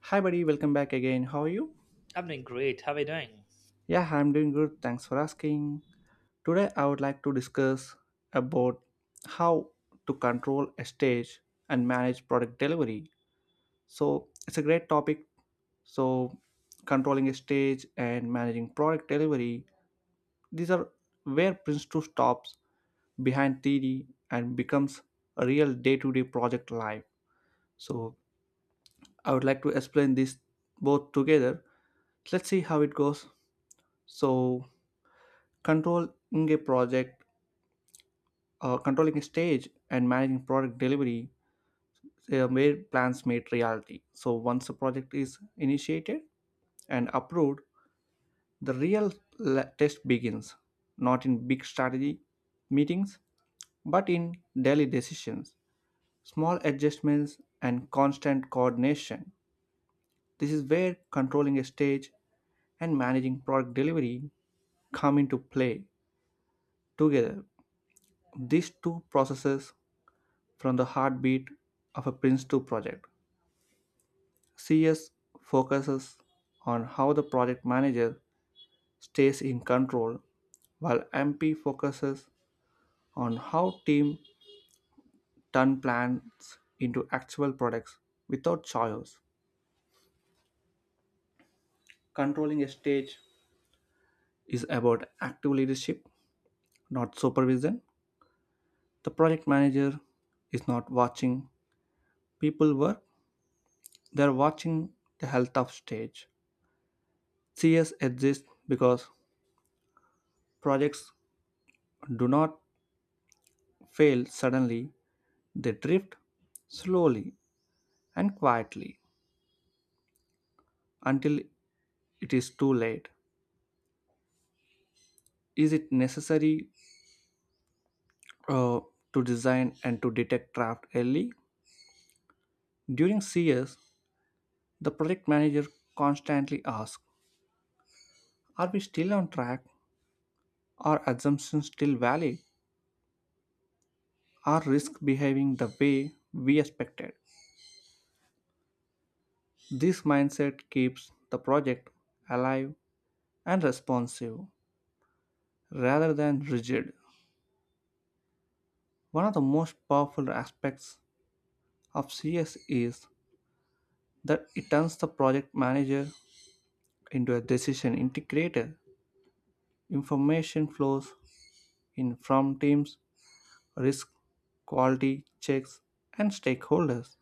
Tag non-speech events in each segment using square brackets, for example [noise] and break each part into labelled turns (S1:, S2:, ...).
S1: Hi, buddy. Welcome back again. How are you?
S2: I'm doing great. How are you doing?
S1: Yeah, I'm doing good. Thanks for asking. Today, I would like to discuss about how to control a stage and manage product delivery. So it's a great topic. So, controlling a stage and managing product delivery, these are where Prince 2 stops behind theory and becomes a real day-to-day project life. So I would like to explain this both together. Let's see how it goes. So controlling a project, controlling a stage, and managing product delivery where plans made reality. So once the project is initiated and approved, the real test begins, not in big strategy meetings, but in daily decisions, small adjustments, and constant coordination. This is where controlling a stage and managing product delivery come into play together. These two processes from the heartbeat of a Prince2 project. CS focuses on how the project manager stays in control, while MP focuses on how team turn plans into actual products without chaos. Controlling a stage is about active leadership, not supervision. The project manager is not watching people work, they are watching the health of stage. CS exists because projects do not fail suddenly, they drift slowly and quietly until it is too late. Is it necessary uh, to design and to detect draft early? During CS, the project manager constantly asks, are we still on track? Are assumptions still valid? Are risks behaving the way we expected? This mindset keeps the project alive and responsive rather than rigid. One of the most powerful aspects of CS is that it turns the project manager into a decision integrator. Information flows in from teams, risk, quality checks, and stakeholders.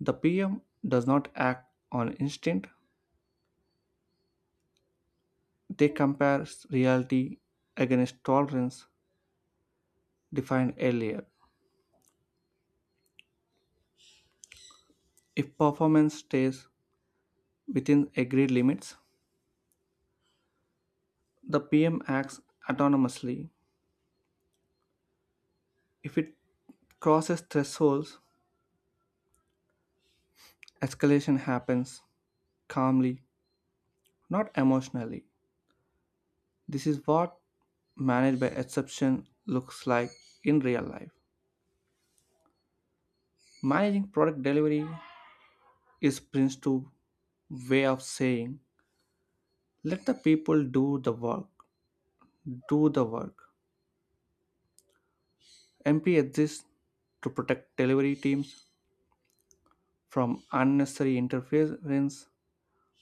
S1: The PM does not act on instinct, they compare reality against tolerance defined earlier. If performance stays within agreed limits, the PM acts autonomously. If it crosses thresholds, escalation happens, calmly, not emotionally. This is what managed by exception looks like in real life. Managing product delivery is Prince 2 way of saying let the people do the work, do the work. MP exists to protect delivery teams from unnecessary interference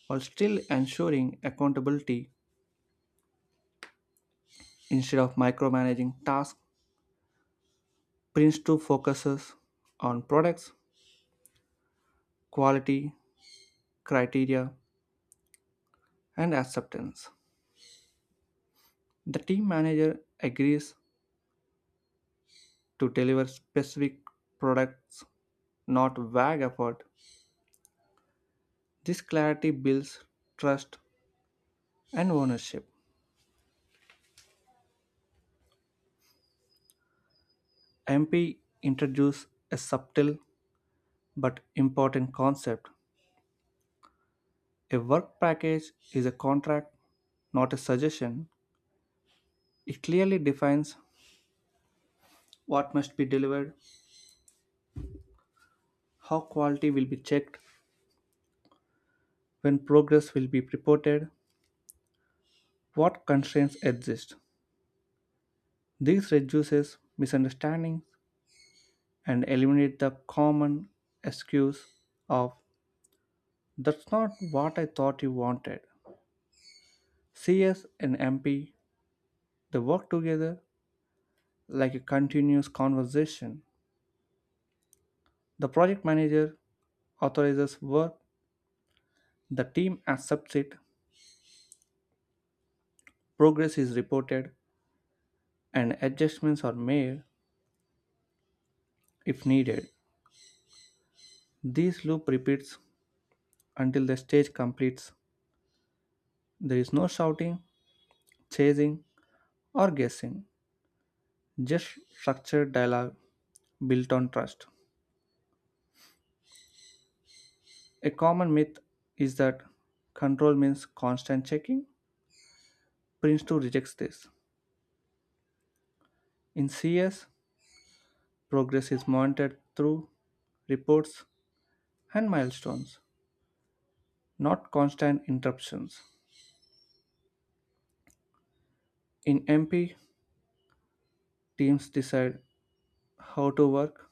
S1: while still ensuring accountability instead of micromanaging tasks. Prince 2 focuses on products, quality, criteria, and acceptance. The team manager agrees to deliver specific products, not vague effort. This clarity builds trust and ownership. MP introduced a subtle but important concept. A work package is a contract, not a suggestion. It clearly defines what must be delivered, how quality will be checked, when progress will be reported, what constraints exist. This reduces misunderstandings and eliminates the common excuse of that's not what I thought you wanted. CS and MP they work together like a continuous conversation. The project manager authorizes work, the team accepts it, progress is reported, and adjustments are made if needed. This loop repeats until the stage completes. There is no shouting, chasing, or guessing, just structured dialogue built on trust. A common myth is that control means constant checking. Prince 2 rejects this. In CS, progress is monitored through reports and milestones, not constant interruptions. In MP, teams decide how to work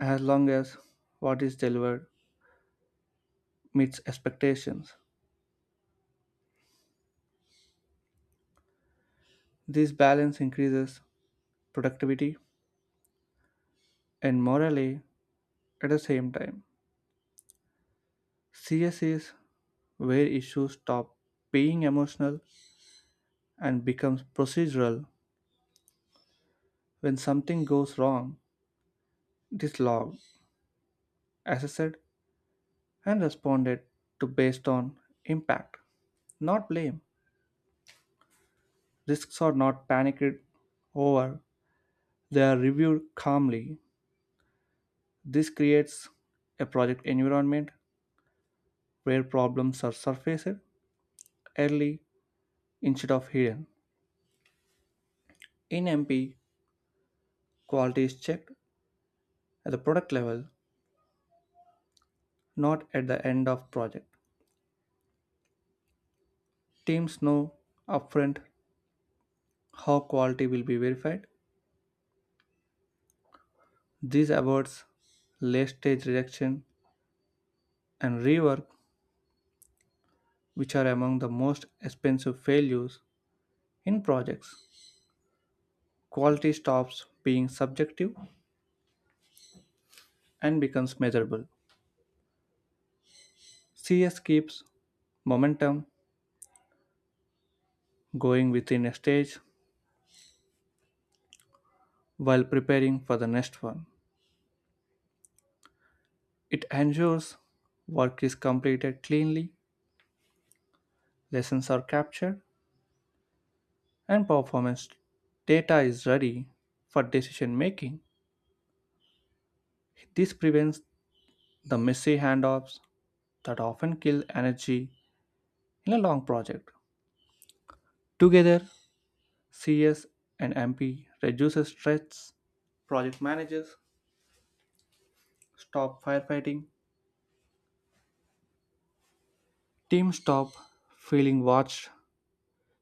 S1: as long as what is delivered meets expectations. This balance increases productivity and morale at the same time. CS is where issues stop being emotional and becomes procedural. When something goes wrong, it is logged, assessed, and responded to based on impact, not blame. Risks are not panicked over, they are reviewed calmly. This creates a project environment where problems are surfaced early instead of hidden. In MP, quality is checked at the product level, not at the end of project. Teams know upfront how quality will be verified. This avoids late stage rejection and rework, which are among the most expensive failures in projects. Quality stops being subjective and becomes measurable. CS keeps momentum going within a stage while preparing for the next one. It ensures work is completed cleanly, lessons are captured, and performance data is ready for decision making. This prevents the messy handoffs that often kill energy in a long project. Together, CS and MP reduces stress, project managers stop firefighting, teams stop feeling watched,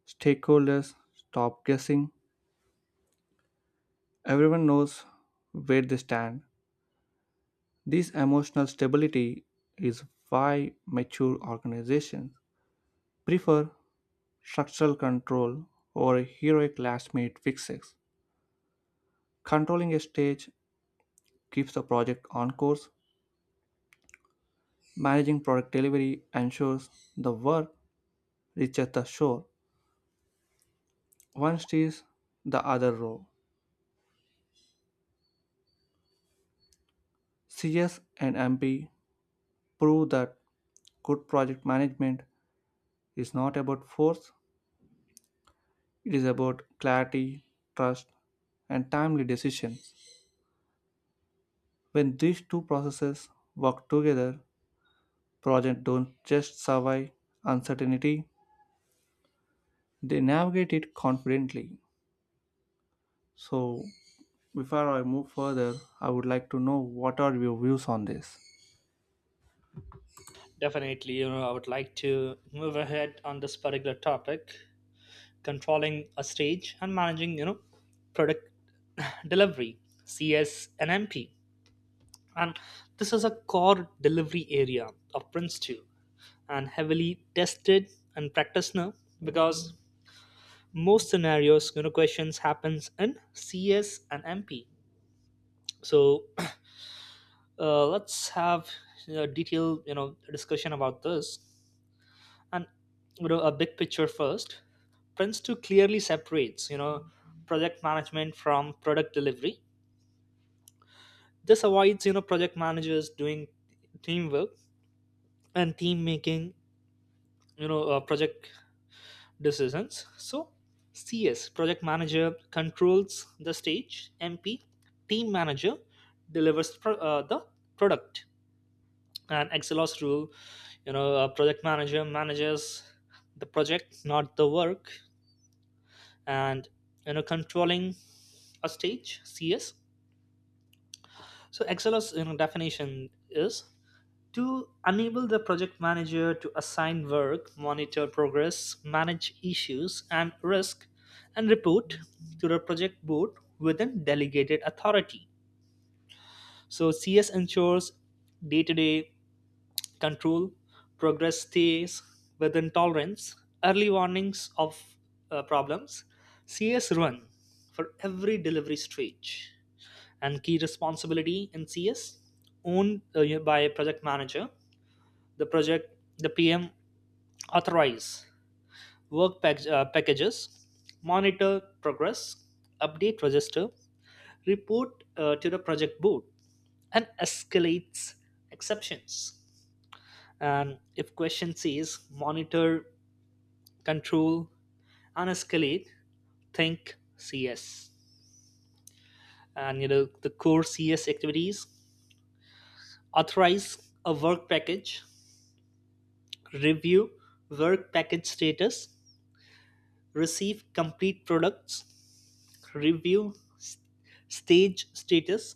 S1: stakeholders stop guessing, everyone knows where they stand. This emotional stability is why mature organizations prefer structural control or heroic last minute fixes. Controlling a stage keeps the project on course. Managing product delivery ensures the work reaches the shore. One steers the other row. CS and MP prove that good project management is not about force, it is about clarity, trust, and timely decisions. When these two processes work together, projects don't just survive uncertainty, they navigate it confidently. So, before I move further, I would like to know what are your views on this?
S2: Definitely, I would like to move ahead on this particular topic, controlling a stage and managing product [laughs] [sighs] delivery, CS and MP. And this is a core delivery area of Prince 2, and heavily tested and practiced now because most scenarios questions happens in CS and MP. So [clears throat] let's have a detailed discussion about this. And a big picture first: Prince 2 clearly separates project management from product delivery. This avoids project managers doing teamwork, and team making project decisions. So CS, project manager controls the stage. MP, team manager delivers the product. And Excelos rule: a project manager manages the project, not the work. And controlling a stage, CS, so Excel's, you know, definition is to enable the project manager to assign work, monitor progress, manage issues and risk, and report to the project board within delegated authority. So CS ensures day-to-day control, progress stays within tolerance, early warnings of problems. CS run for every delivery stage, and key responsibility in CS owned by a project manager. The project, the PM authorize packages, monitor progress, update register, report to the project board, and escalates exceptions. And if question says monitor, control, and escalate, think CS. And the core CS activities: authorize a work package, review work package status, receive complete products, review stage status,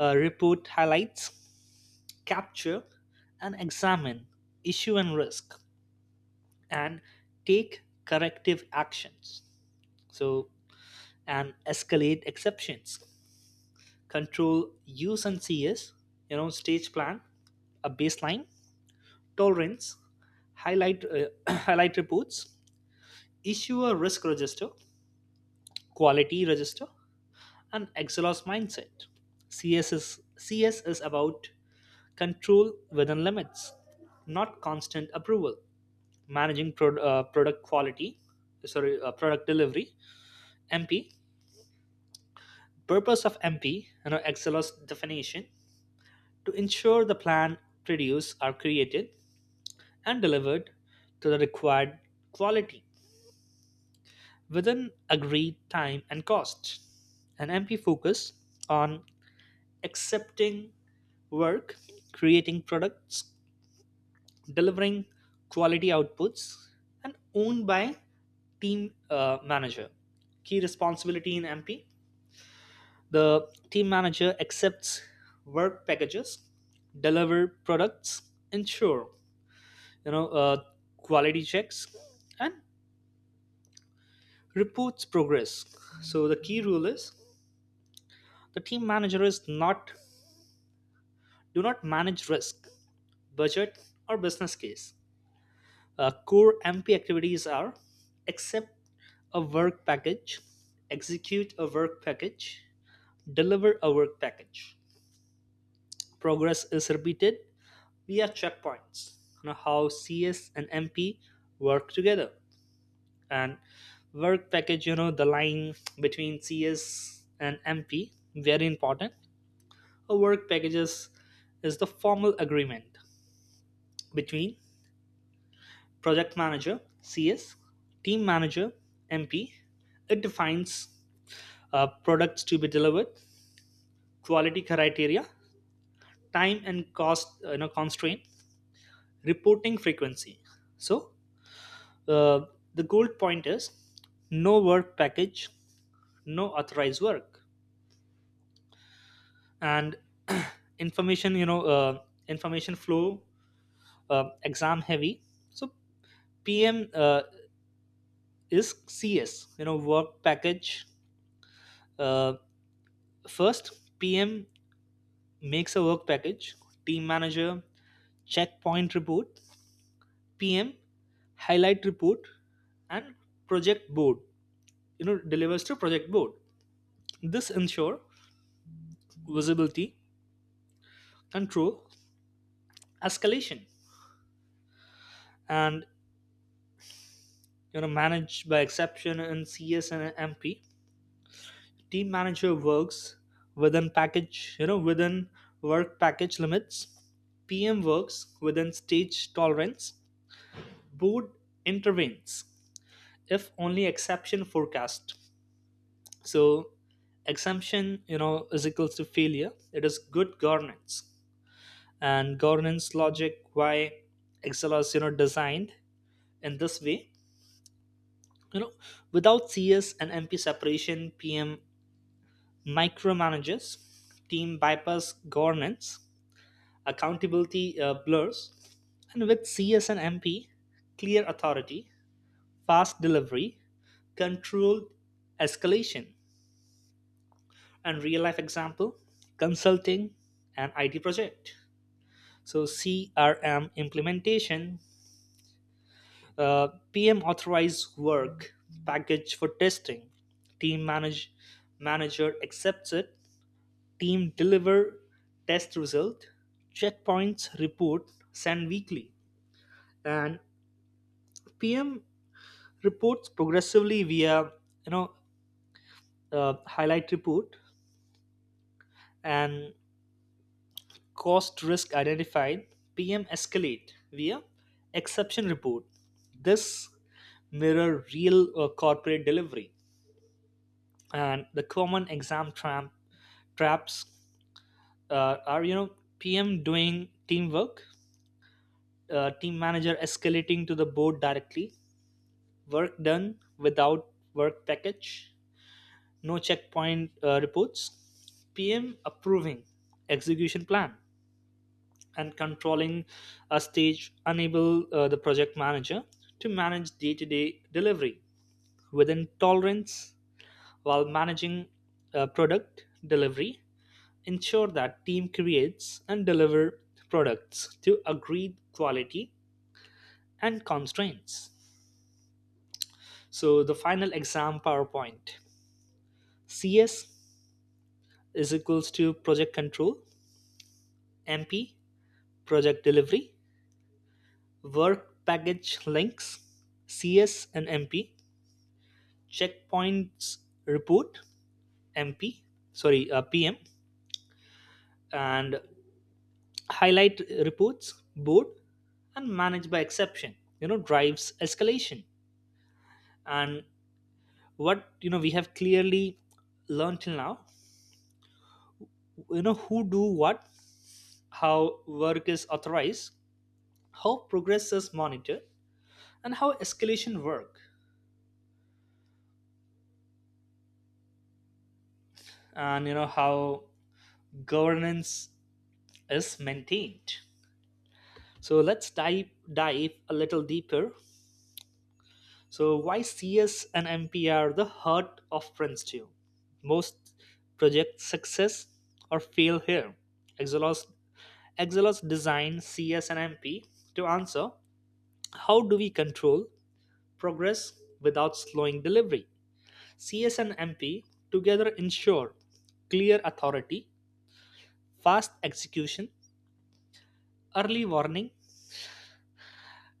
S2: report highlights, capture and examine issue and risk, and take corrective actions. So, and escalate exceptions, control use and CS, stage plan, a baseline, tolerance, highlight [clears throat] highlight reports, issue a risk register, quality register, and Excelos mindset. CS is about control within limits, not constant approval. Managing product quality, sorry, product delivery, MP. Purpose of MP, Excelos definition: to ensure the plan produce are created and delivered to the required quality within agreed time and cost. An MP focus on accepting work, creating products, delivering quality outputs, and owned by team manager. Key responsibility in MP: the team manager accepts work packages, deliver products, ensure you know uh, quality checks, and reports progress. So the key rule is the team manager is not do not manage risk, budget, or business case. Core MP activities are accept a work package, execute a work package, deliver a work package. Progress is repeated via checkpoints. How CS and MP work together. And work package, the line between CS and MP, very important. A is the formal agreement between project manager, CS, team manager, MP. It defines products to be delivered, quality criteria, time and cost constraint, reporting frequency. So uh, the gold point is no work package, no authorized work. And [clears throat] information information flow exam heavy. So PM is CS work package. uh, First, PM makes a work package, team manager checkpoint report, PM highlight report, and project board. Delivers to project board. This ensure visibility, control, escalation, and manage by exception in CS and MP. Team manager works within package, within work package limits. PM works within stage tolerance. Board intervenes if only exception forecast, so exemption is equals to failure. It is good governance. And governance logic, why Excel is designed in this way: you know without CS and MP separation, PM micromanages, team bypass governance, accountability blurs. And with CS and MP: clear authority, fast delivery, controlled escalation. And real life example: consulting and IT project. So CRM implementation, PM authorized work package for testing, team manage manager accepts it, team deliver test result, checkpoints report send weekly, and PM reports progressively via you know highlight report. And cost risk identified, PM escalate via exception report. This mirror real corporate delivery. And the common exam traps are PM doing teamwork, team manager escalating to the board directly, work done without work package, no checkpoint reports, PM approving execution plan. And controlling a stage enable the project manager to manage day-to-day delivery within tolerance, while managing product delivery ensure that team creates and deliver products to agreed quality and constraints. So the final exam powerpoint: CS is equals to project control, MP project delivery, work package links CS and MP, checkpoints report MP, sorry, uh, PM, and highlight reports board, and manage by exception. Drives escalation. And what, you know, we have clearly learned till now: who do what, how work is authorized, how progress is monitored, and how escalation work, and how governance is maintained. So let's dive a little deeper. So why CS and MP are the heart of Princeton? Most project success or fail here. Exelos, Exelos designed CS and MP to answer how do we control progress without slowing delivery. CS and MP together ensure clear authority, fast execution, early warning,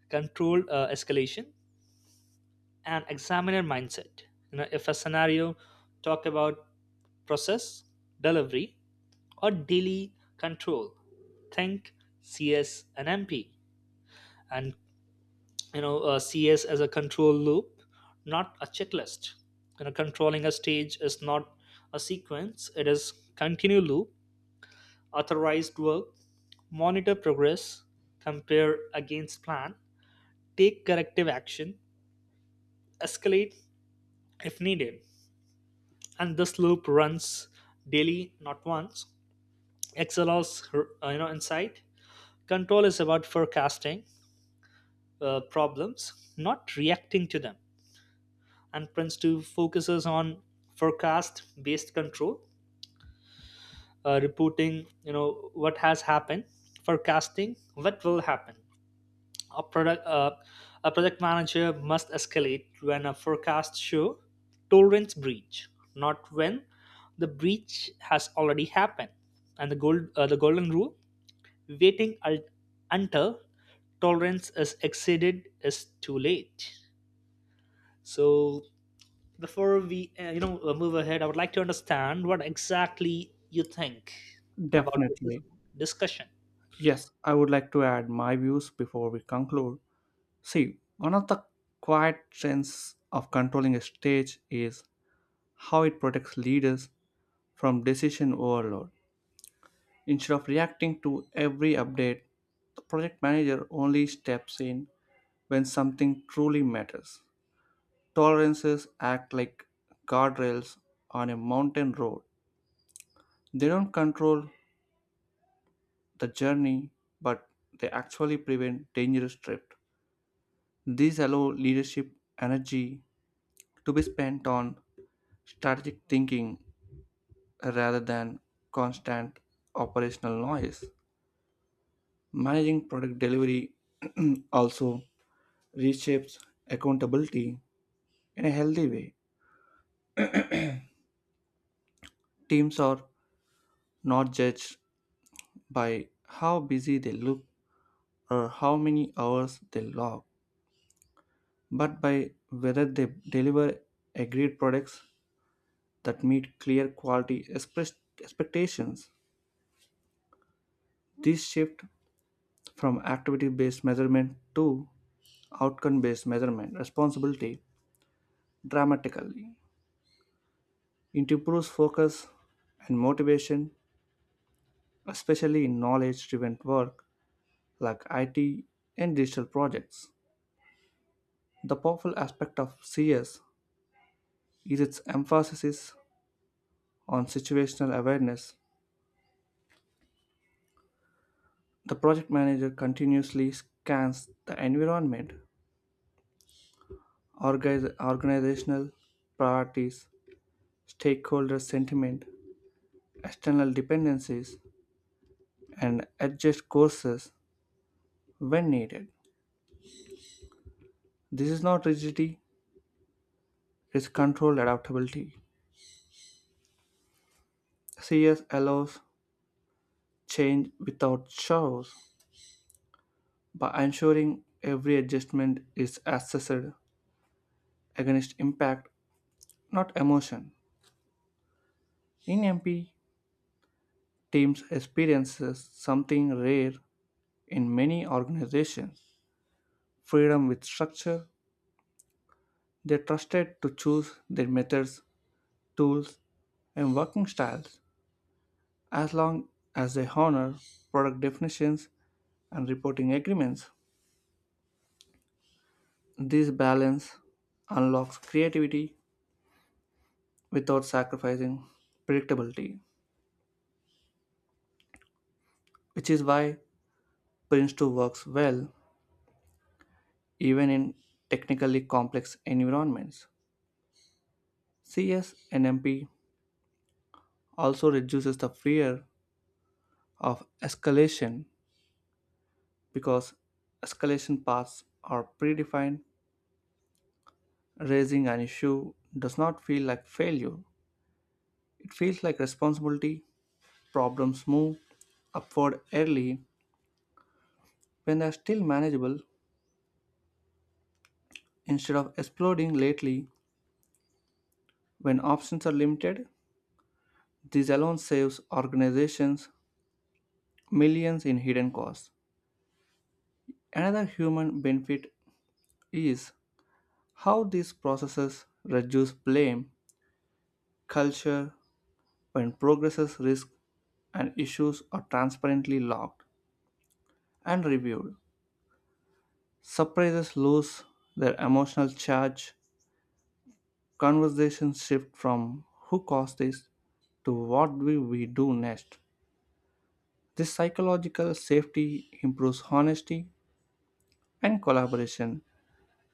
S2: controlled escalation, an examiner mindset. If a scenario talk about process, delivery, or daily control, think CS and MP. And CS as a control loop, not a checklist. Controlling a stage is not a sequence, it is continue loop: authorized work, monitor progress, compare against plan, take corrective action, escalate if needed. And this loop runs daily, not once. Xlr's insight: control is about forecasting problems, not reacting to them. And Prince2 focuses on forecast based control, reporting what has happened, forecasting what will happen. A product uh, a project manager must escalate when a forecast show tolerance breach, not when the breach has already happened. And the golden rule: waiting until tolerance is exceeded is too late. So before we move ahead, I would like to understand what exactly you think about this
S1: Definitely.
S2: discussion.
S1: Yes, I would like to add my views before we conclude. See, one of the quiet strengths of controlling a stage is how it protects leaders from decision overload. Instead of reacting to every update, the project manager only steps in when something truly matters. Tolerances act like guardrails on a mountain road. They don't control the journey, but they actually prevent dangerous drift. These allow leadership energy to be spent on strategic thinking rather than constant operational noise. Managing product delivery [clears throat] also reshapes accountability in a healthy way. Teams are not judged by how busy they look or how many hours they log, but by whether they deliver agreed products that meet clear quality expectations. This shift from activity based measurement to outcome based measurement responsibility dramatically. It improves focus and motivation, especially in knowledge driven work like IT and digital projects. The powerful aspect of CS is its emphasis on situational awareness. The project manager continuously scans the environment, organizational priorities, stakeholder sentiment, external dependencies, and adjust courses when needed. This is not rigidity, it's controlled adaptability. CS allows change without chaos by ensuring every adjustment is assessed against impact, not emotion. In MP, teams experiences something rare in many organizations, freedom with structure. They trusted to choose their methods, tools, and working styles as long as they honor product definitions and reporting agreements. This balance unlocks creativity without sacrificing predictability, which is why Prince 2 works well even in technically complex environments. CS and MP also reduces the fear of escalation because escalation paths are predefined. Raising an issue does not feel like failure, it feels like responsibility. Problems move upward early when they are still manageable instead of exploding lately when options are limited. This alone saves organizations millions in hidden costs. Another human benefit is how these processes reduce blame culture when progresses, risks, and issues are transparently logged and reviewed. Surprises lose their emotional charge. Conversations shift from who caused this to what will we do next. This psychological safety improves honesty and collaboration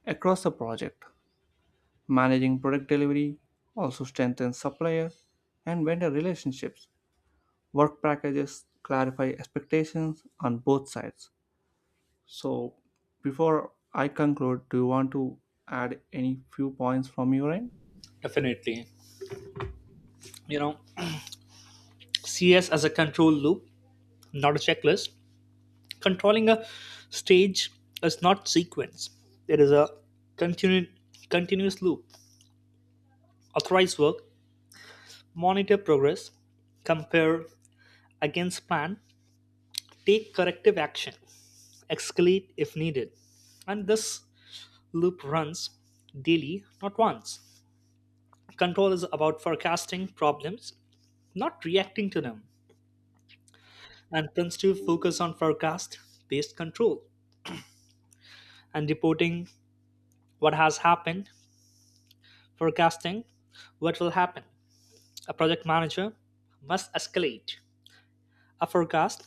S1: across the project. Managing product delivery also strengthens supplier and vendor relationships. Work packages clarify expectations on both sides. So, before I conclude, do you want to add any few points from your end?
S2: Definitely, you know, CS as a control loop, not a checklist. Controlling a stage is not sequence. It is a continu- continuous loop. Authorize work, monitor progress, compare against plan, take corrective action, escalate if needed. And this loop runs daily, not once. Control is about forecasting problems, not reacting to them, and tends to focus on forecast based control and reporting what has happened. Forecasting what will happen, a project manager must escalate. A forecast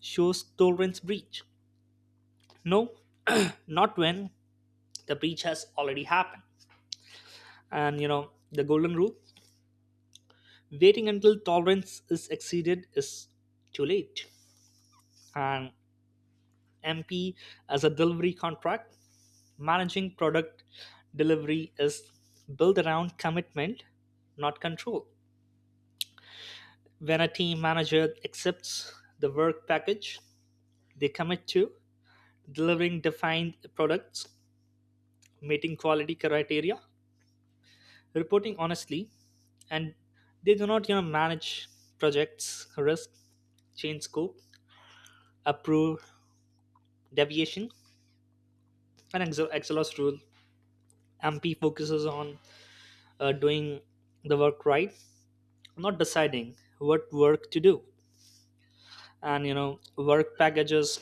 S2: shows tolerance breach. No, not when the breach has already happened. And the golden rule: waiting until tolerance is exceeded is too late. And MP as a delivery contract, managing product delivery is built around commitment, not control. When a team manager accepts the work package, they commit to delivering defined products, meeting quality criteria, reporting honestly. And they do not manage projects risk, change scope, approve deviation, and ex exhaust rule. MP focuses on doing the work right, not deciding what work to do. And work packages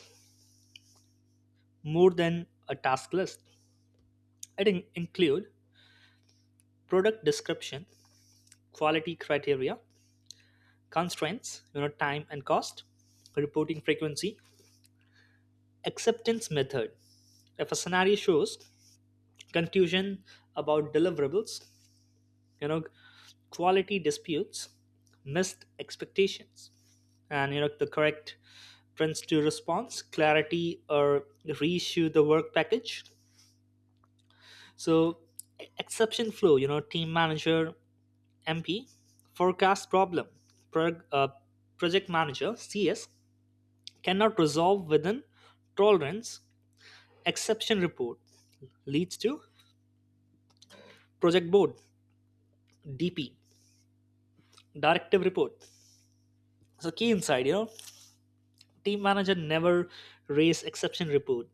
S2: more than a task list. It include product description, quality criteria, constraints, time and cost, reporting frequency, acceptance method. If a scenario shows confusion about deliverables, you know quality disputes, missed expectations, and the correct prints to response clarity, or reissue the work package. So exception flow: team manager MP forecast problem, prog- uh, project manager CS cannot resolve within tolerance, exception report leads to project board, DP, directive report. So key insight, team manager never raise exception report,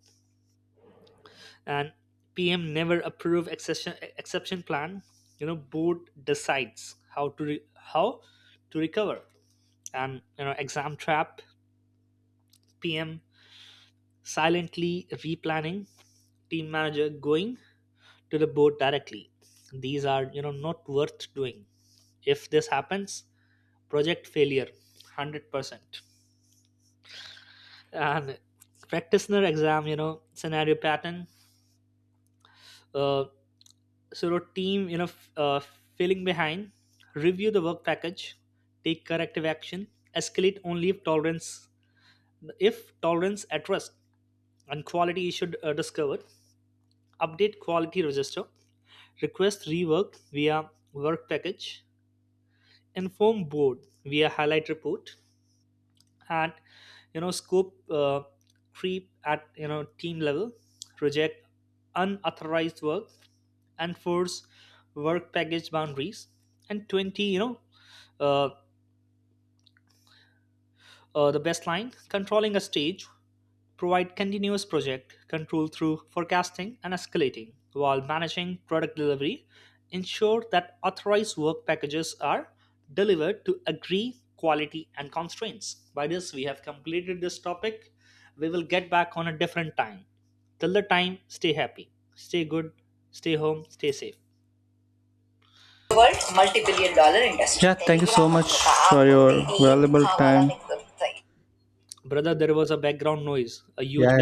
S2: and PM never approve exception plan. Board decides how to recover. And exam trap: PM silently replanning, team manager going to the board directly. These are, not worth doing. If this happens, project failure, 100%. And practitioner exam, scenario pattern. Uh, so your team, failing behind, review the work package, take corrective action, escalate only if tolerance at risk, and quality should discovered. Update quality register, request rework via work package, inform board via highlight report. And scope creep at team level, reject unauthorized work, enforce work package boundaries. And 20 uh, the best line: controlling a stage provide continuous project control through forecasting and escalating, while managing product delivery ensure that authorized work packages are delivered to agree quality and constraints. By this we have completed this topic. We will get back on a different time. Till the time, stay happy, stay good, stay home, stay safe.
S1: World multi-billion dollar industry. Yeah, thank you so much for your valuable time.
S2: Brother, there was a background noise, a huge
S1: Yeah,